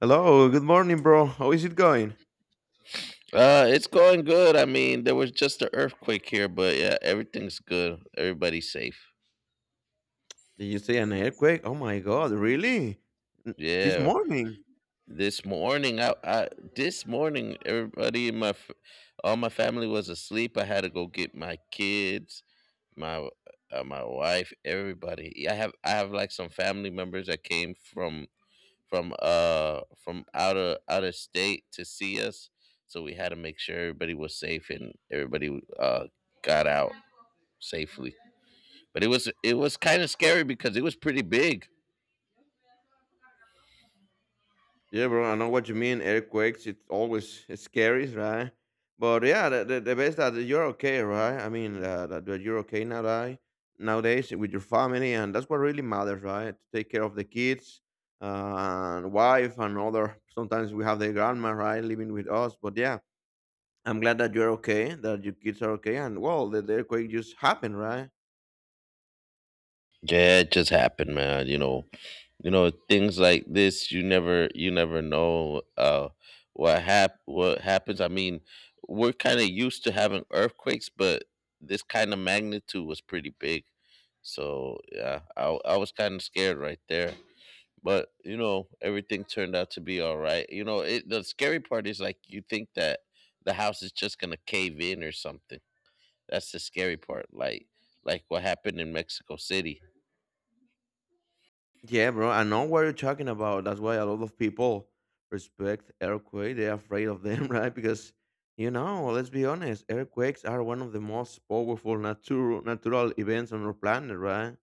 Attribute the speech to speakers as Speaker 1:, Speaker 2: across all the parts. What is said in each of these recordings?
Speaker 1: Hello, good morning, bro. How is it going?
Speaker 2: It's going good. I mean, there was just an earthquake here, but yeah, everything's good. Everybody's safe.
Speaker 1: Did you see an earthquake? Oh my god, really? This
Speaker 2: Yeah.
Speaker 1: morning?
Speaker 2: This morning, I this morning, everybody in all my family was asleep. I had to go get my kids, my my wife, everybody. Yeah, I have like some family members that came from from out of state to see us, so we had to make sure everybody was safe and everybody got out safely. But it was kind of scary because it was pretty big.
Speaker 1: Yeah, bro, I know what you mean. Earthquakes, it's always scary, right? But yeah, the best that you're okay, right? I mean, that you're okay now, right? Nowadays with your family, and that's what really matters, right? To take care of the kids and wife and other. Sometimes we have the grandma, right, living with us. But yeah, I'm glad that you're okay, that your kids are okay, and well, the earthquake just happened, right?
Speaker 2: Yeah, it just happened, man. You know, things like this. You never know what happens. I mean, we're kind of used to having earthquakes, but this kind of magnitude was pretty big. So yeah, I was kind of scared right there. But you know, everything turned out to be all right. The scary part is like you think that the house is just gonna cave in or something. That's the scary part. Like what happened in Mexico City.
Speaker 1: Yeah, bro. I know what you're talking about. That's why a lot of people respect earthquake. They're afraid of them, right? Because you know, let's be honest, earthquakes are one of the most powerful natural events on our planet, right?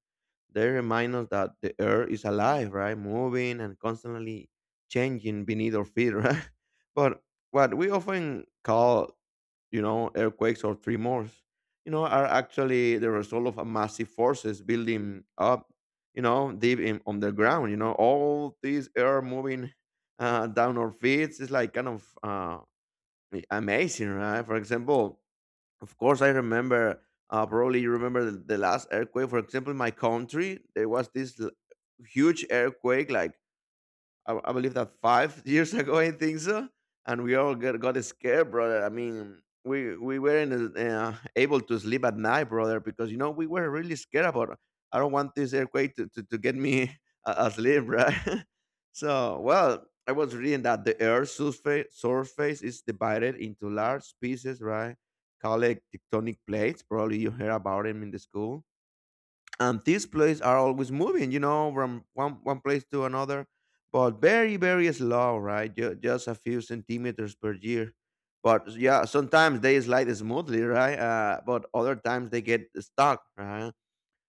Speaker 1: They remind us that the earth is alive, right? Moving and constantly changing beneath our feet, right? But what we often call, you know, earthquakes or tremors, you know, are actually the result of a massive forces building up, you know, deep in underground. You know, all these air moving down our feet is like kind of amazing, right? For example, of course, I remember. Probably you remember the last earthquake. For example, in my country, there was this huge earthquake, like I believe that five years ago. I think so, and we all got scared, brother. I mean, we weren't able to sleep at night, brother, because you know we were really scared about. I don't want this earthquake to get me asleep, right? So, well, I was reading that the Earth's surface is divided into large pieces, right? Called tectonic plates. Probably you heard about them in the school, and these plays are always moving, you know, from one place to another, but very very slow, right? Just a few centimeters per year. But yeah, sometimes they slide smoothly, right? But other times they get stuck, right?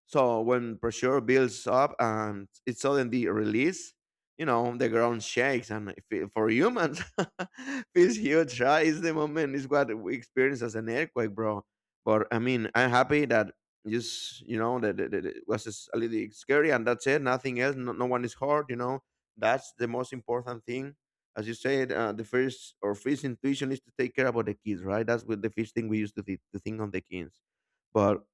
Speaker 1: So when pressure builds up and it's suddenly released, you know, the ground shakes and it for humans feels huge, right? It's the moment is what we experience as an earthquake, bro. But I mean, I'm happy that just, you know, that that it was just a little scary and that's it. Nothing else. No, no one is hurt. You know, that's the most important thing. As you said, the first or first intuition is to take care about the kids, right? That's what the first thing we used to, to think on the kids. But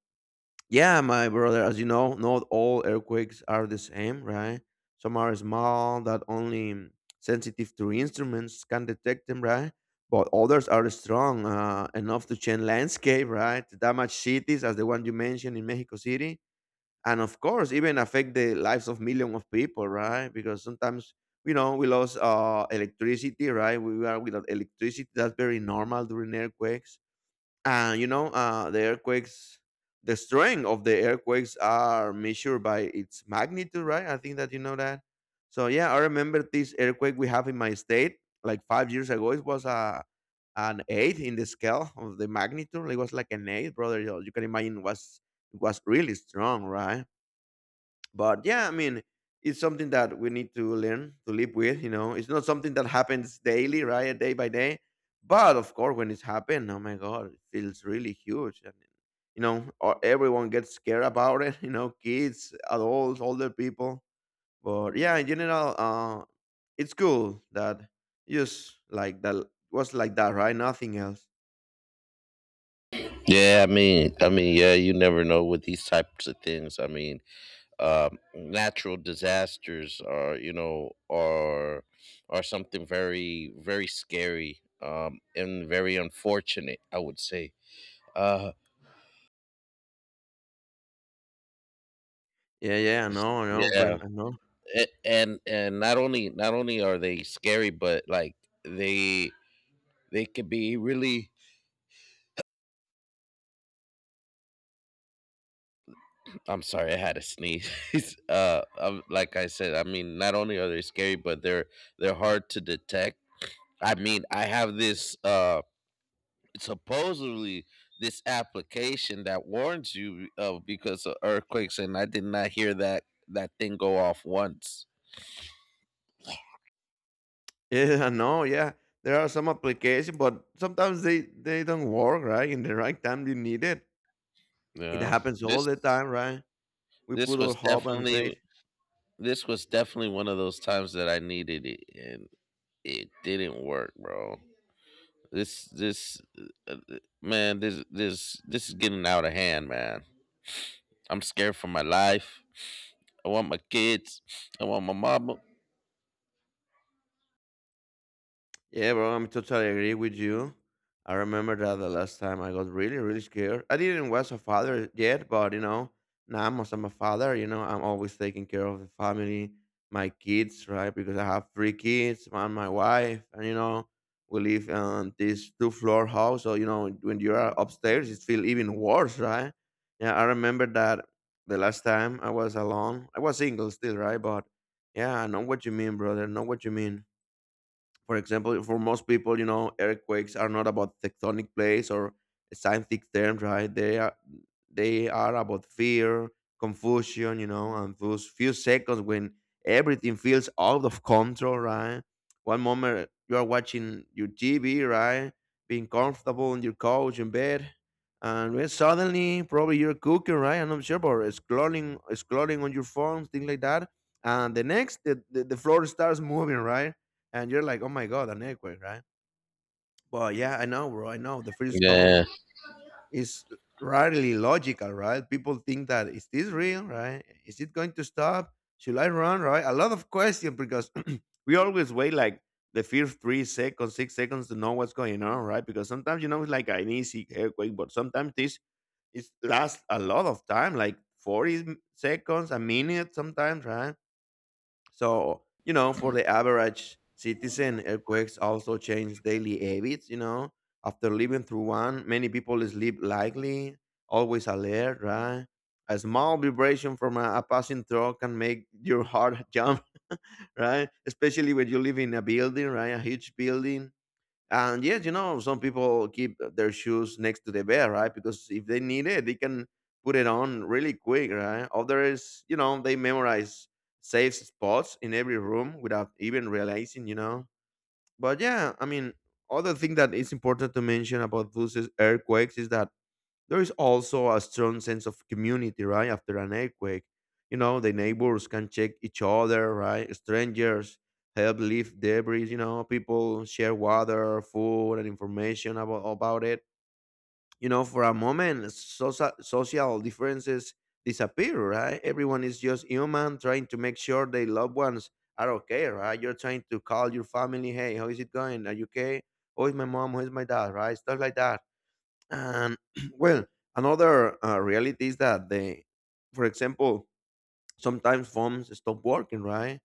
Speaker 1: yeah, my brother, as you know, not all earthquakes are the same, right? Some are small that only sensitive to instruments can detect them, right? But others are strong enough to change landscape, right? To damage cities, as the one you mentioned in Mexico City, and of course, even affect the lives of millions of people, right? Because sometimes, you know, we lost electricity, right? We are without electricity. That's very normal during earthquakes. And you know, the earthquakes, the strength of the earthquakes are measured by its magnitude, right? I think that you know that. So yeah, I remember this earthquake we have in my state like 5 years ago. It was a an eight in the scale of the magnitude. It was like an 8, brother. You can imagine. It was really strong, right? But yeah, I mean, it's something that we need to learn to live with, you know. It's not something that happens daily, right? Day by day. But of course, when it's happened, oh my god, it feels really huge, and you know, or everyone gets scared about it. You know, kids, adults, older people. But yeah, in general, it's cool that just like that was like that, right? Nothing else.
Speaker 2: Yeah, I mean, yeah, you never know with these types of things. I mean, natural disasters are, you know, are something very, very scary, and very unfortunate, I would say. Uh,
Speaker 1: Yeah, yeah, no, no,
Speaker 2: yeah,
Speaker 1: friend, I know.
Speaker 2: and not only are they scary, but like they they could be really— I'm sorry, I had a sneeze. Like I said, I mean, not only are they scary, but they're hard to detect. I mean, I have this supposedly this application that warns you of because of earthquakes, and I did not hear that that thing go off once.
Speaker 1: Yeah, no. Yeah. There are some applications, but sometimes they don't work, right? In the right time you need it. It
Speaker 2: Yeah,
Speaker 1: happens all
Speaker 2: this
Speaker 1: the time, right? We
Speaker 2: this
Speaker 1: put our
Speaker 2: was
Speaker 1: hope and
Speaker 2: definitely—
Speaker 1: faith.
Speaker 2: this was definitely one of those times that I needed it, and it didn't work, bro. This Man, this is getting out of hand, man. I'm scared for my life. I want my kids. I want my mama.
Speaker 1: Yeah, bro, I'm totally agree with you. I remember that the last time I got really, really scared. I didn't was a father yet, but you know, now I'm as I'm a father, you know, I'm always taking care of the family, my kids, right? Because I have three kids and my wife, and you know, we live in this two floor house. So you know, when you are upstairs, it feels even worse, right? Yeah, I remember that the last time I was alone, I was single still, right? But yeah, I know what you mean, brother. I know what you mean. For example, for most people, you know, earthquakes are not about tectonic plates or scientific terms, right? They are about fear, confusion, you know, and those few seconds when everything feels out of control, right? One moment you are watching your TV, right? Being comfortable on your couch in bed. And when suddenly probably you're cooking, right? I'm not sure, but scrolling on your phone, things like that. And the next the floor starts moving, right? And you're like, oh my god, an earthquake, right? Well, yeah, I know, bro. I know. The first stuff
Speaker 2: Yeah.
Speaker 1: is rarely logical, right? People think that is this real, right? Is it going to stop? Should I run, right? A lot of questions because we always wait like the first 3 seconds, 6 seconds to know what's going on, right? Because sometimes you know it's like an easy earthquake, but sometimes this it lasts a lot of time, like 40 seconds, a minute, sometimes, right? So, you know, for the average citizen, earthquakes also change daily habits, you know. After living through one, many people sleep lightly, always alert, right? A small vibration from a passing truck can make your heart jump, right? Especially when you live in a building, right? A huge building. And yes, you know, some people keep their shoes next to the bed, right? Because if they need it, they can put it on really quick, right? Others, you know, they memorize safe spots in every room without even realizing, you know. But yeah, I mean, other thing that is important to mention about those is earthquakes is that there is also a strong sense of community, right? After an earthquake, you know, the neighbors can check each other, right? Strangers help lift debris, you know, people share water, food, and information about it. You know, for a moment, social differences disappear, right? Everyone is just human trying to make sure their loved ones are okay, right? You're trying to call your family, hey, how is it going? Are you okay? Who is my mom? Who is my dad? Right? Stuff like that. And well, another reality is that the, for example, sometimes phones stop working, right?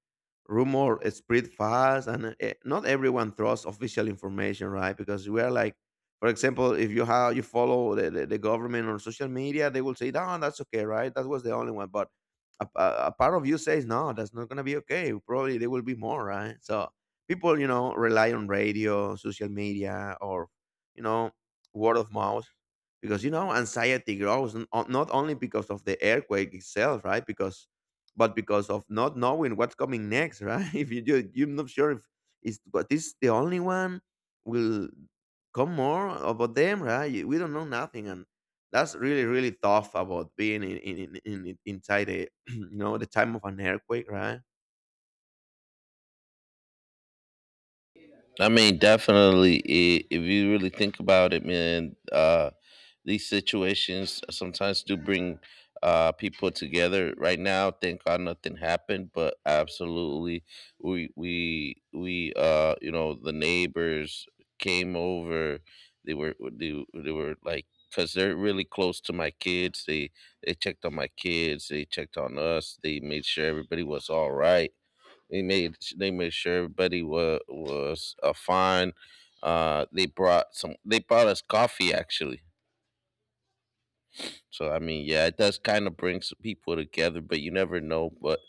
Speaker 1: Rumor spread fast, and not everyone trusts official information, right? Because we are like, for example, if you have you follow the government on social media, they will say, "No, that's okay, right? That was the only one." But a part of you says, "No, that's not gonna be okay. Probably there will be more, right?" So people, you know, rely on radio, social media, or you know, word of mouth, because you know anxiety grows not only because of the earthquake itself, right? Because, but because of not knowing what's coming next, right? If you do, you're not sure if is what is the only one will come more about them, right? We don't know nothing, and that's really really tough about being inside a you know the time of an earthquake, right?
Speaker 2: I mean, definitely, I if you really think about it, man, these situations sometimes do bring people together. Right now, thank God nothing happened, but absolutely, we you know, the neighbors came over. They were like— because they're really close to my kids, they checked on my kids. They checked on us. They made sure everybody was all right, they made sure everybody was fine. They brought some. They brought us coffee actually. So I mean, yeah, it does kind of bring some people together, but you never know. But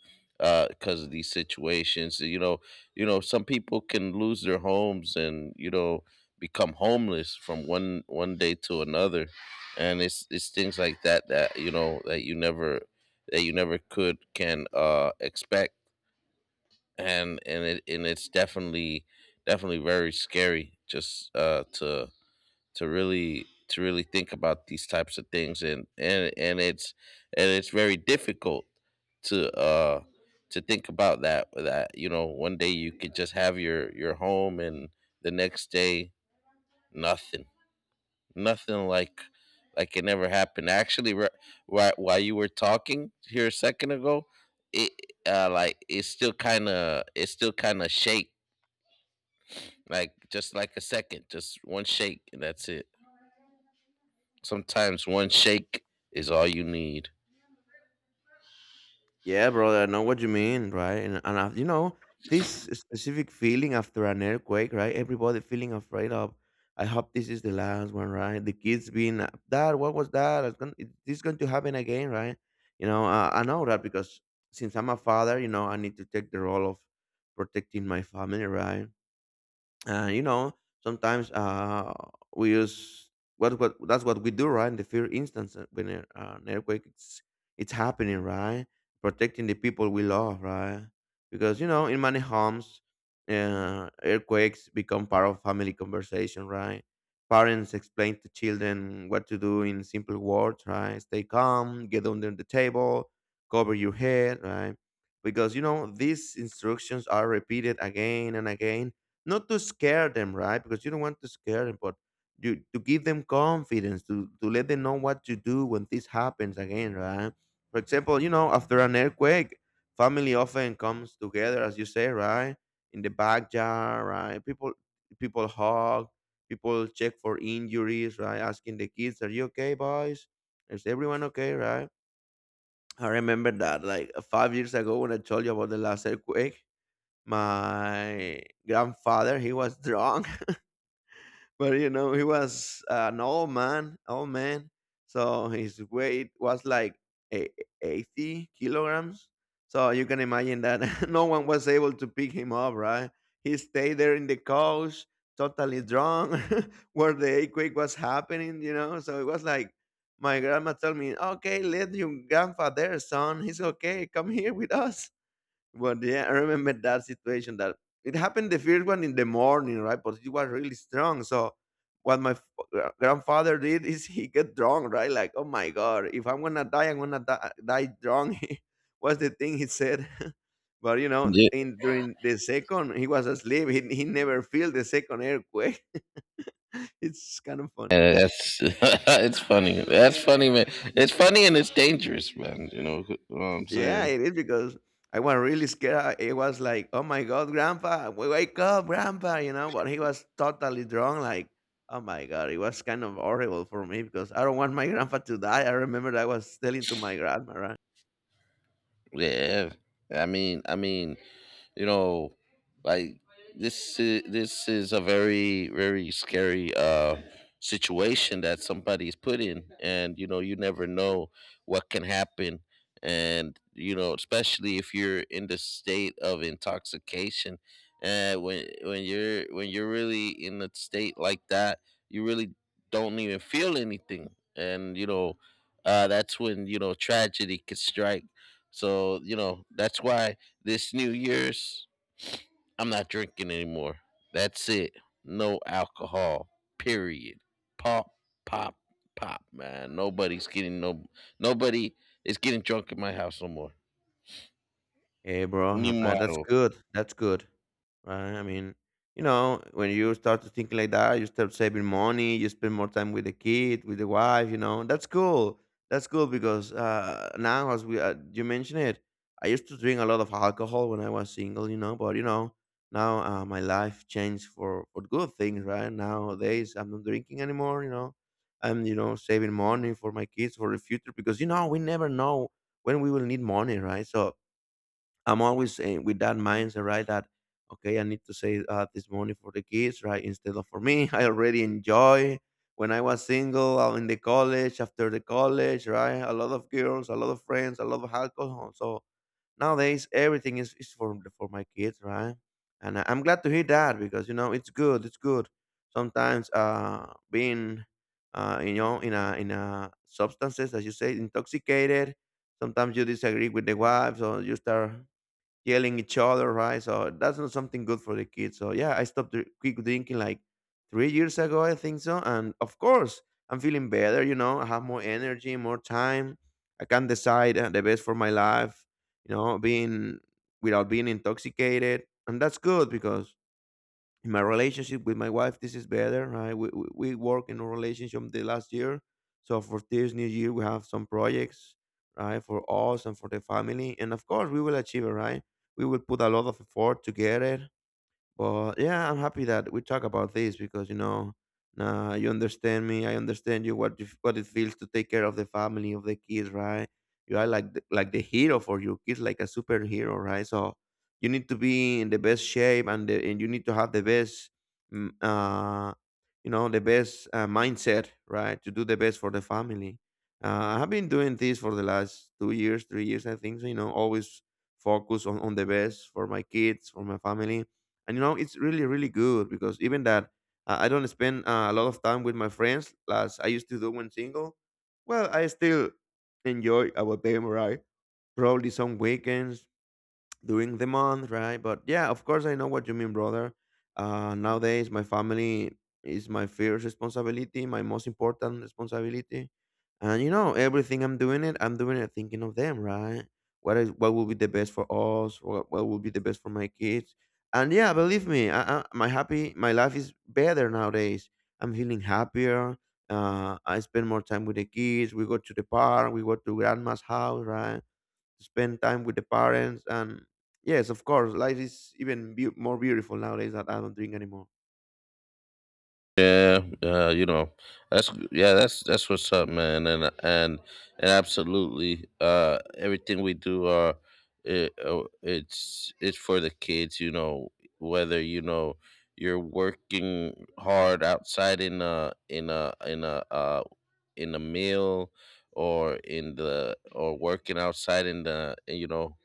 Speaker 2: because of these situations, you know, some people can lose their homes and you know become homeless from one one day to another, and it's things like that that you know that you never could can expect, and it's definitely— definitely very scary just to to really think about these types of things, and and it's very difficult to uh to think about that— that you know one day you could just have your home and the next day nothing, nothing like like it never happened actually. While— while you were talking here a second ago, it like it's still kind of— it still kind of shakes, like just like a second, just one shake, and that's it. Sometimes one shake is all you need.
Speaker 1: Yeah, brother, I know what you mean, right? And you know, this specific feeling after an earthquake, right? Everybody feeling afraid of, I hope this is the last one, right? The kids being, Dad, what was that? Is this going to happen again, right? You know, I know that because since I'm a father, you know, I need to take the role of protecting my family, right? You know, sometimes we use what that's what we do, right? In the fear instance, an earthquake it's happening, right? Protecting the people we love, right? Because you know in many homes, earthquakes become part of family conversation, right? Parents explain to children what to do in simple words, right? Stay calm, get under the table, cover your head, right? Because you know these instructions are repeated again and again, not to scare them, right? Because you don't want to scare them, but you to give them confidence, to let them know what to do when this happens again, right? For example, after an earthquake, family often comes together, as you say, right? In the backyard, right? People hug, people check for injuries, right? Asking the kids, "Are you okay, boys? Is everyone okay, right?" I remember that like 5 years ago when I told you about the last earthquake, my grandfather he was drunk but he was an old man, old man. So his weight was like e- 80 kilograms. So you can imagine that no one was able to pick him up, right? He stayed there in the couch, totally drunk, where the earthquake was happening, So it was like, my grandma told me, okay, let your grandpa there, son. He's okay. Come here with us. But yeah, I remember that situation that it happened the first one in the morning, right? But it was really strong. So what my grandfather did is he get drunk, right? Like, oh my god, if I'm gonna die, I'm gonna die, die drunk. was the thing he said. But
Speaker 2: Yeah,
Speaker 1: in during the second, he was asleep. He never feel the second earthquake. it's kind of funny.
Speaker 2: yeah, that's it's funny. That's funny, man. It's funny and it's dangerous, man. You know what I'm
Speaker 1: Yeah,
Speaker 2: saying?
Speaker 1: it is because I was really scared. It was like, oh my God, grandpa, we wake up, grandpa, but he was totally drunk. Like, oh my God, it was kind of horrible for me because I don't want my grandpa to die. I remember I was telling to my grandma, right?
Speaker 2: Yeah. I mean, you know, like this is a very very scary situation that somebody's put in, and you know you never know what can happen, and you know especially if you're in the state of intoxication, and when you're really in a state like that, you really don't even feel anything, and you know, that's when you know tragedy can strike. So you know that's why this New Year's, I'm not drinking anymore. That's it. No alcohol. Period. Pop, pop, pop, man. Nobody's getting no— nobody is getting drunk in my house no more. Ni
Speaker 1: Abraham, that's
Speaker 2: motto.
Speaker 1: good. That's good. Right? I mean, when you start to think like that, you start saving money, you spend more time with the kid, with the wife, That's cool. That's cool because now, as we you mentioned it, I used to drink a lot of alcohol when I was single, but now my life changed for good things, right? Nowadays, I'm not drinking anymore, I'm, saving money for my kids for the future because, we never know when we will need money, right? So, I'm always saying with that mindset, right? That okay, I need to save this money for the kids, right? Instead of for me, I already enjoy when I was single in the college, after the college, right? A lot of girls, a lot of friends, a lot of alcohol. So nowadays, everything is for my kids, right? And I'm glad to hear that because it's good, it's good. Sometimes being in a substances as you say intoxicated sometimes you disagree with the wife so you start yelling each other, right? So that's not something good for the kids. So yeah, I stopped dr- quick drinking like 3 years ago, I think so. And of course, I'm feeling better. You know, I have more energy, more time. I can decide the best for my life. You know, being without being intoxicated, and that's good because in my relationship with my wife, this is better. Right? We work in a relationship the last year. So for this new year, we have some projects, right, for us and for the family. And of course, we will achieve it, right? We will put a lot of effort to get it. Well, yeah, I'm happy that we talk about this because nah, you understand me. I understand you. What it feels to take care of the family of the kids, right? You are like like the hero for your kids, like a superhero, right? So you need to be in the best shape, and you need to have the best, mm, uh, the best mindset, right, to do the best for the family. I have been doing this for the last 2 years, 3 years, I think. So you know, always focus on the best for my kids, for my family and you know it's really really good because even that I don't spend a lot of time with my friends as I used to do when single well I still enjoy about them right probably some weekends during the month, right? But yeah, of course, I know what you mean, brother. Nowadays, my family is my first responsibility, my most important responsibility, and you know, everything I'm doing it thinking of them, right? What will be the best for us? What will be the best for my kids? And yeah, believe me, my life is better nowadays. I'm feeling happier. I spend more time with the kids. We go to the park. We go to grandma's house, right? spend time with the parents and yes of course life is even beau more beautiful nowadays that I don't drink anymore
Speaker 2: Yeah, you know, that's yeah, that's what's up, man, and absolutely, everything we do, it's for the kids, you know, whether you know you're working hard outside in a meal, or in the— or working outside in the, you know,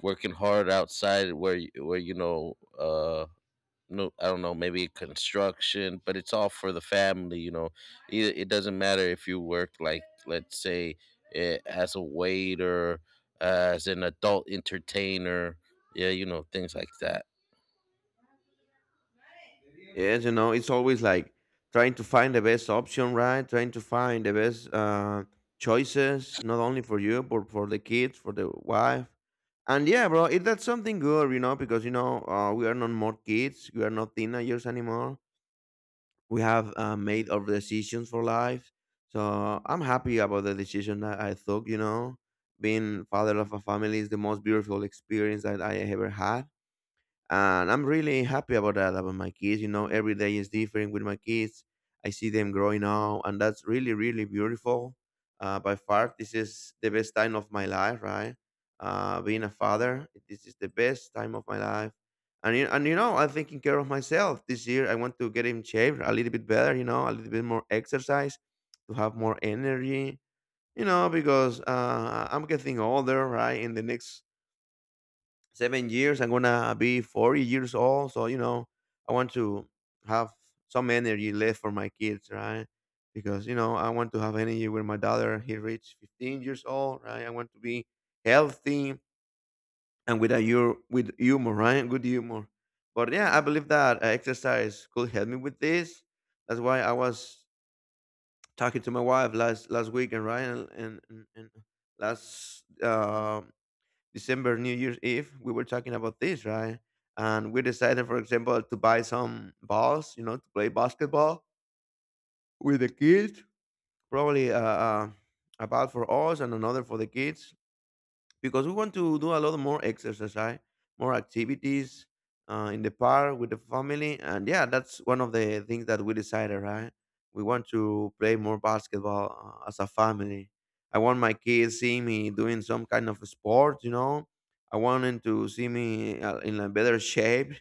Speaker 2: working hard outside where where you know no, I don't know, maybe construction, but it's all for the family, you know. It doesn't matter if you work like, let's say, as a waiter, as an adult entertainer, yeah, you know, things like that.
Speaker 1: yes you know it's always like trying to find the best option right trying to find the best choices not only for you but for the kids for the wife and yeah bro that's something good you know because we are not more kids we are not teenagers anymore we have made our decisions for life. So I'm happy about the decision that I took. You know, being father of a family is the most beautiful experience that I ever had and I'm really happy about that about my kids. You know, every day is different with my kids. I see them growing up, and that's really, really beautiful. By far, this is the best time of my life, right? Being a father, this is the best time of my life. And you know, I'm taking care of myself this year. I want to get in shape a little bit better, you know, a little bit more exercise to have more energy, you know, because I'm getting older, right? In the next 7 years. I'm gonna be 40 years old. So you know, I want to have some energy left for my kids, right? Because you know, I want to have energy when my daughter he reached 15 years old, right? I want to be healthy and with a with humor, right? Good humor. But yeah, I believe that exercise could help me with this. That's why I was talking to my wife last weekend, right? And last December, New Year's Eve, we were talking about this, right? And we decided, for example, to buy some balls, you know, to play basketball with the kids. Probably a ball for us and another for the kids because we want to do a lot more exercise, right? more activities in the park with the family, and yeah, that's one of the things that we decided, right? We want to play more basketball as a family. I want my kids see me doing some kind of sport, you know. I want them to see me in a better shape,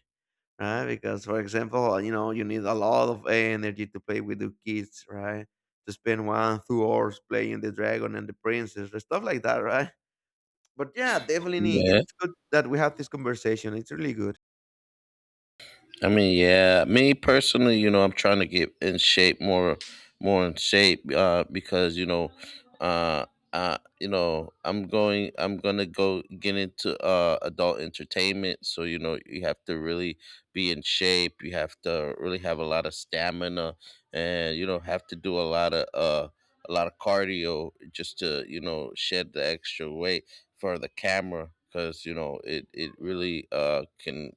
Speaker 1: right? Because, for example, you know, you need a lot of energy to play with the kids, right? To spend one, 2 hours playing the dragon and the princess, or stuff like that, right? But yeah, definitely,
Speaker 2: Yeah.
Speaker 1: it's good that we have this conversation. It's really good.
Speaker 2: I mean, yeah, me personally, you know, I'm trying to get in shape more, more in shape, because uh, you know, I'm gonna go get into adult entertainment, so you know, you have to really be in shape. You have to really have a lot of stamina, and you know, have to do a lot of cardio just to you know shed the extra weight for the camera, because you know, it really can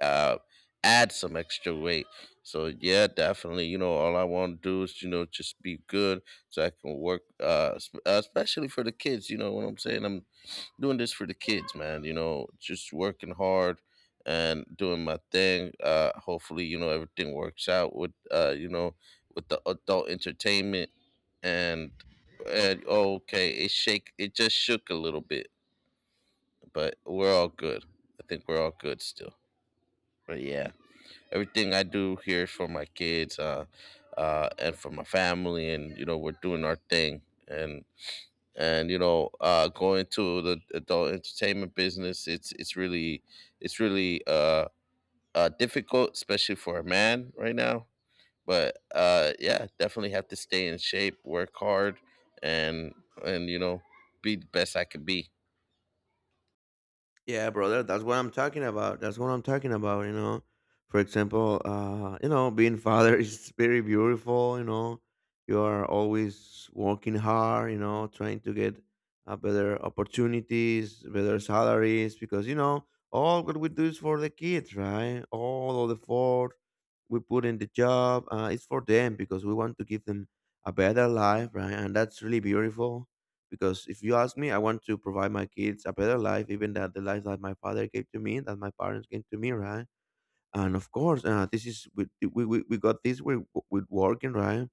Speaker 2: uh add some extra weight. So yeah, definitely. You know, all I want to do is you know just be good, so I can work. Especially for the kids. You know what I'm saying? I'm doing this for the kids, man. You know, just working hard and doing my thing. Hopefully, you know, everything works out with you know, with the adult entertainment, and— and oh, okay, it shake. It just shook a little bit, but we're all good. I think we're all good still. But yeah, everything I do here is for my kids, and for my family, and you know we're doing our thing, and you know, going to the adult entertainment business, it's really— it's really uh, difficult, especially for a man right now. But yeah, definitely have to stay in shape, work hard, and and you know be the best I can be.
Speaker 1: Yeah, brother, that's what I'm talking about. That's what I'm talking about, you know. For example, you know, being father is very beautiful, you know. You are always working hard, you know, trying to get better opportunities, better salaries, because, you know, all what we do is for the kids, right? All of the effort we put in the job is for them because we want to give them a better life, right? And that's really beautiful because if you ask me I want to provide my kids a better life even that the life that my father gave to me that my parents gave to me right and of course this is we got this with working right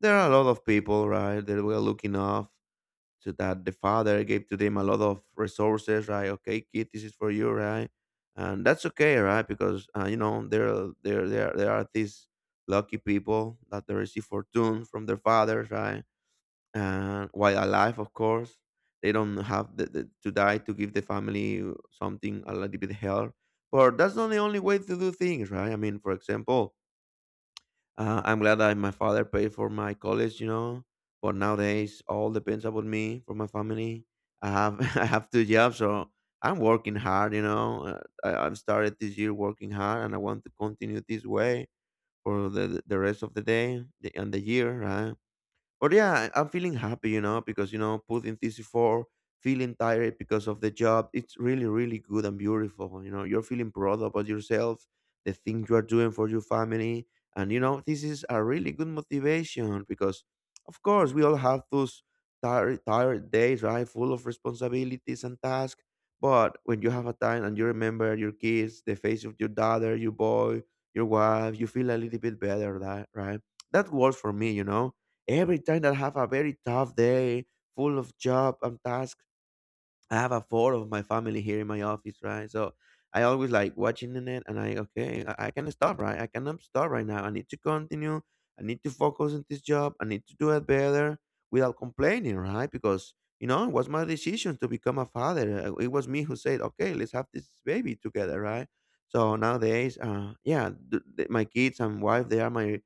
Speaker 1: there are a lot of people right that were looking off to that the father gave to them a lot of resources right okay kid this is for you right and that's okay right because you know there are these lucky people that they receive fortune from their fathers right and while alive, of course, they don't have to die to give the family something a little bit help. But that's not the only way to do things, right? I mean, for example, I'm glad that my father paid for my college. But nowadays, all depends about me for my family. I have I have two jobs, so I'm working hard. I've started this year working hard, and I want to continue this way for the rest of the and the year, right? But yeah, I'm feeling happy, because putting TC4, feeling tired because of the job, it's really, really good and beautiful. You're feeling proud about yourself, the things you are doing for your family, and this is a really good motivation because, of course, we all have those tired, tired days, right, full of responsibilities and tasks. But when you have a time and you remember your kids, the face of your daughter, your boy, your wife, you feel a little bit better, that right? That works for me. Every time I have a very tough day, full of job and tasks, I have a four of my family here in my office, right? So I always like watching it, and I okay, I can stop, right? I cannot stop right now. I need to continue. I need to focus on this job. I need to do it better without complaining, right? Because it was my decision to become a father. It was me who said, okay, let's have this baby together, right? So nowadays, my kids and wife, they are my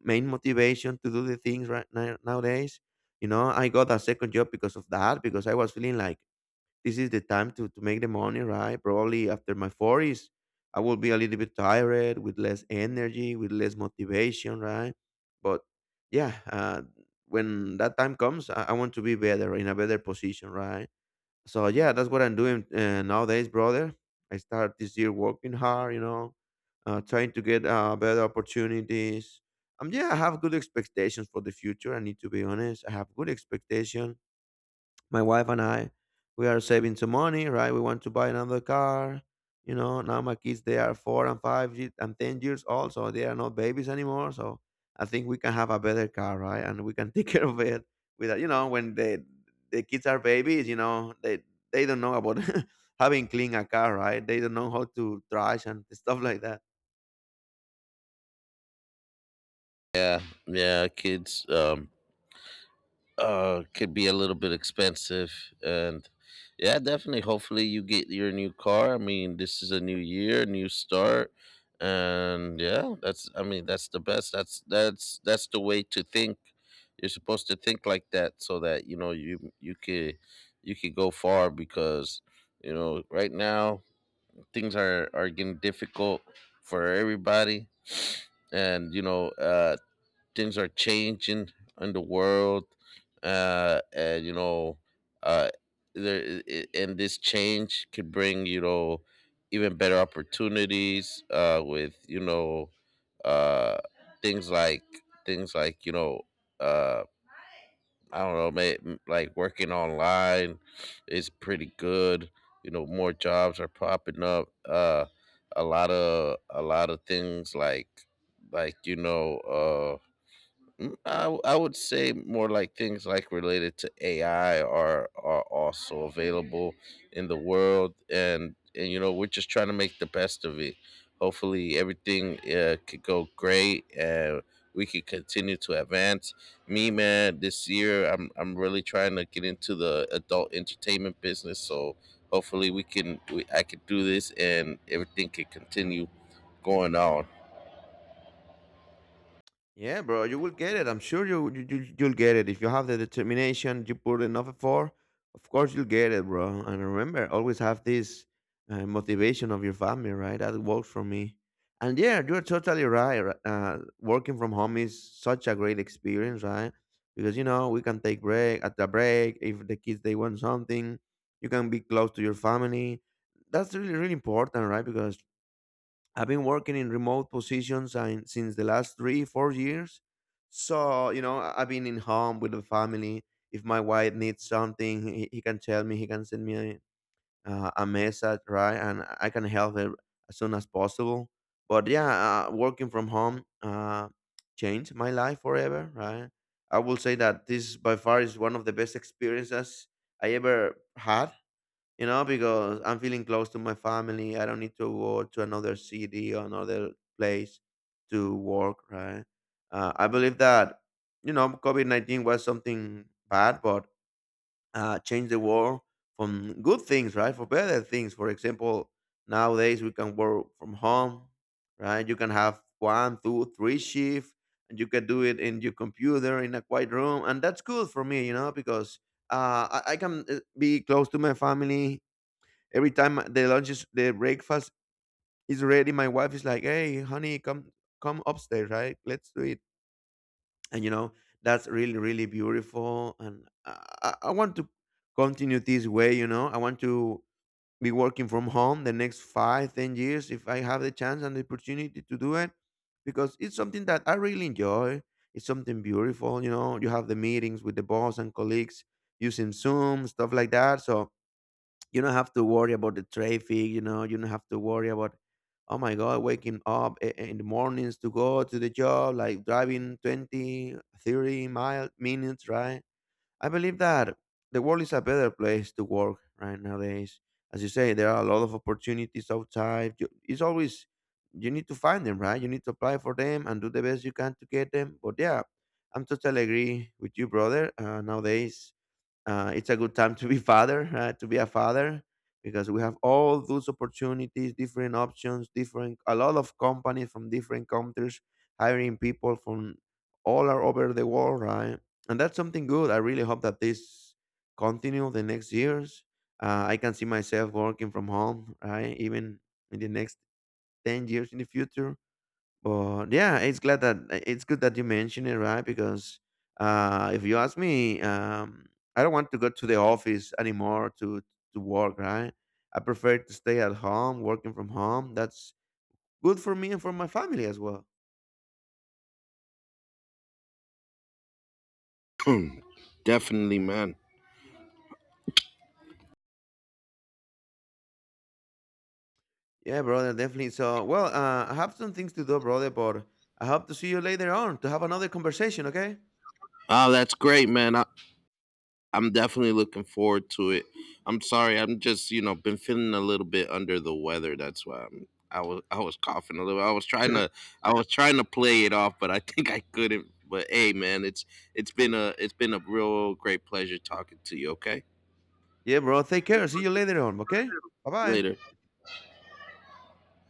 Speaker 1: main motivation to do the things right now, nowadays. I got a second job because of that, because I was feeling like this is the time to make the money, right? Probably after my 40s, I will be a little bit tired, with less energy, with less motivation, right? But yeah, when that time comes, I want to be better, in a better position, right? So yeah, that's what I'm doing, nowadays, brother. I start this year working hard Trying to get better opportunities. Yeah, I have good expectations for the future. I need to be honest. I have good expectation. My wife and I, we are saving some money, right? We want to buy another car. Now my kids, they are four and five and 10 years old, so they are not babies anymore. So I think we can have a better car, right? And we can take care of it without, when the kids are babies, they don't know about having clean a car, right? They don't know how to trash and stuff like that.
Speaker 2: Yeah, yeah, kids. Could be a little bit expensive, and yeah, definitely hopefully you get your new car. I mean, this is a new year, new start, and yeah, that's I mean, that's the best. That's the way to think. You're supposed to think like that, so that you know you could— you could go far, because you know right now, things are getting difficult for everybody. And you know, things are changing in the world, and you know, uh and this change could bring, you know, even better opportunities, with, you know, uh things like— things like you know uh I don't know, like working online is pretty good. You know, more jobs are popping up, a lot of, a lot of things like— like you know uh. Mm, I would say more like things like related to AI are also available in the world, and you know we're just trying to make the best of it. Hopefully everything could go great, and we could continue to advance. Me, man, this year I'm really trying to get into the adult entertainment business, so hopefully I could do this, and everything could continue going on.
Speaker 1: Yeah, bro, you will get it. I'm sure you'll get it if you have the determination. You put enough effort, of course you'll get it, bro. And remember, always have this motivation of your family, right? That works for me. And yeah, you're totally right. Working from home is such a great experience, right? Because we can take break at the break if the kids they want something, you can be close to your family. That's really really important, right? Because I've been working in remote positions since the last 3, 4 years. So, I've been in home with the family. If my wife needs something, he can tell me, he can send me a message, right? And I can help her as soon as possible. But yeah, working from home changed my life forever, right? I will say that this by far is one of the best experiences I ever had, because I'm feeling close to my family. I don't need to go to another city or another place to work, right? I believe that, COVID 19 was something bad, but changed the world from good things, right? For better things. For example, nowadays we can work from home, right? You can have one, two, three shift, and you can do it in your computer in a quiet room. And that's good for me, because I can be close to my family. Every time the lunch is the breakfast is ready, my wife is like, "Hey, honey, come upstairs, right? Let's do it." And that's really really beautiful, and I want to continue this way. I want to be working from home the next 5 10 years if I have the chance and the opportunity to do it, because it's something that I really enjoy. It's something beautiful, you know. You have the meetings with the boss and colleagues using Zoom, stuff like that. So you don't have to worry about the traffic. You don't have to worry about, oh my God, waking up in the mornings to go to the job, like driving 20, 30 mile minutes, right? I believe that the world is a better place to work right nowadays. As you say, there are a lot of opportunities outside. It's always you need to find them, right? You need to apply for them and do the best you can to get them. But yeah, I'm totally agree with you, brother. Nowadays, it's a good time to be father, right? To be a father, because we have all those opportunities, different options, different a lot of companies from different countries hiring people from all are over the world, right? And that's something good. I really hope that this continue the next years. I can see myself working from home, right? Even in the next 10 years in the future, but yeah, it's glad that it's good that you mentioned it, right? Because if you ask me, I don't want to go to the office anymore to work, right? I prefer to stay at home, working from home. That's good for me and for my family as well.
Speaker 2: Definitely, man.
Speaker 1: Yeah, brother, definitely. So, well, I have some things to do, brother, but I hope to see you later on to have another conversation, okay?
Speaker 2: Ah, that's great, man. I, I'm definitely looking forward to it. I'm sorry, I'm just you know been feeling a little bit under the weather. That's why I was coughing a little. I was trying to— I was trying to play it off, but I think I couldn't. But hey, man, it's— it's been a real great pleasure talking to you. Okay,
Speaker 1: Yeah, bro. Take care. See you later on, okay? Bye bye.
Speaker 2: later.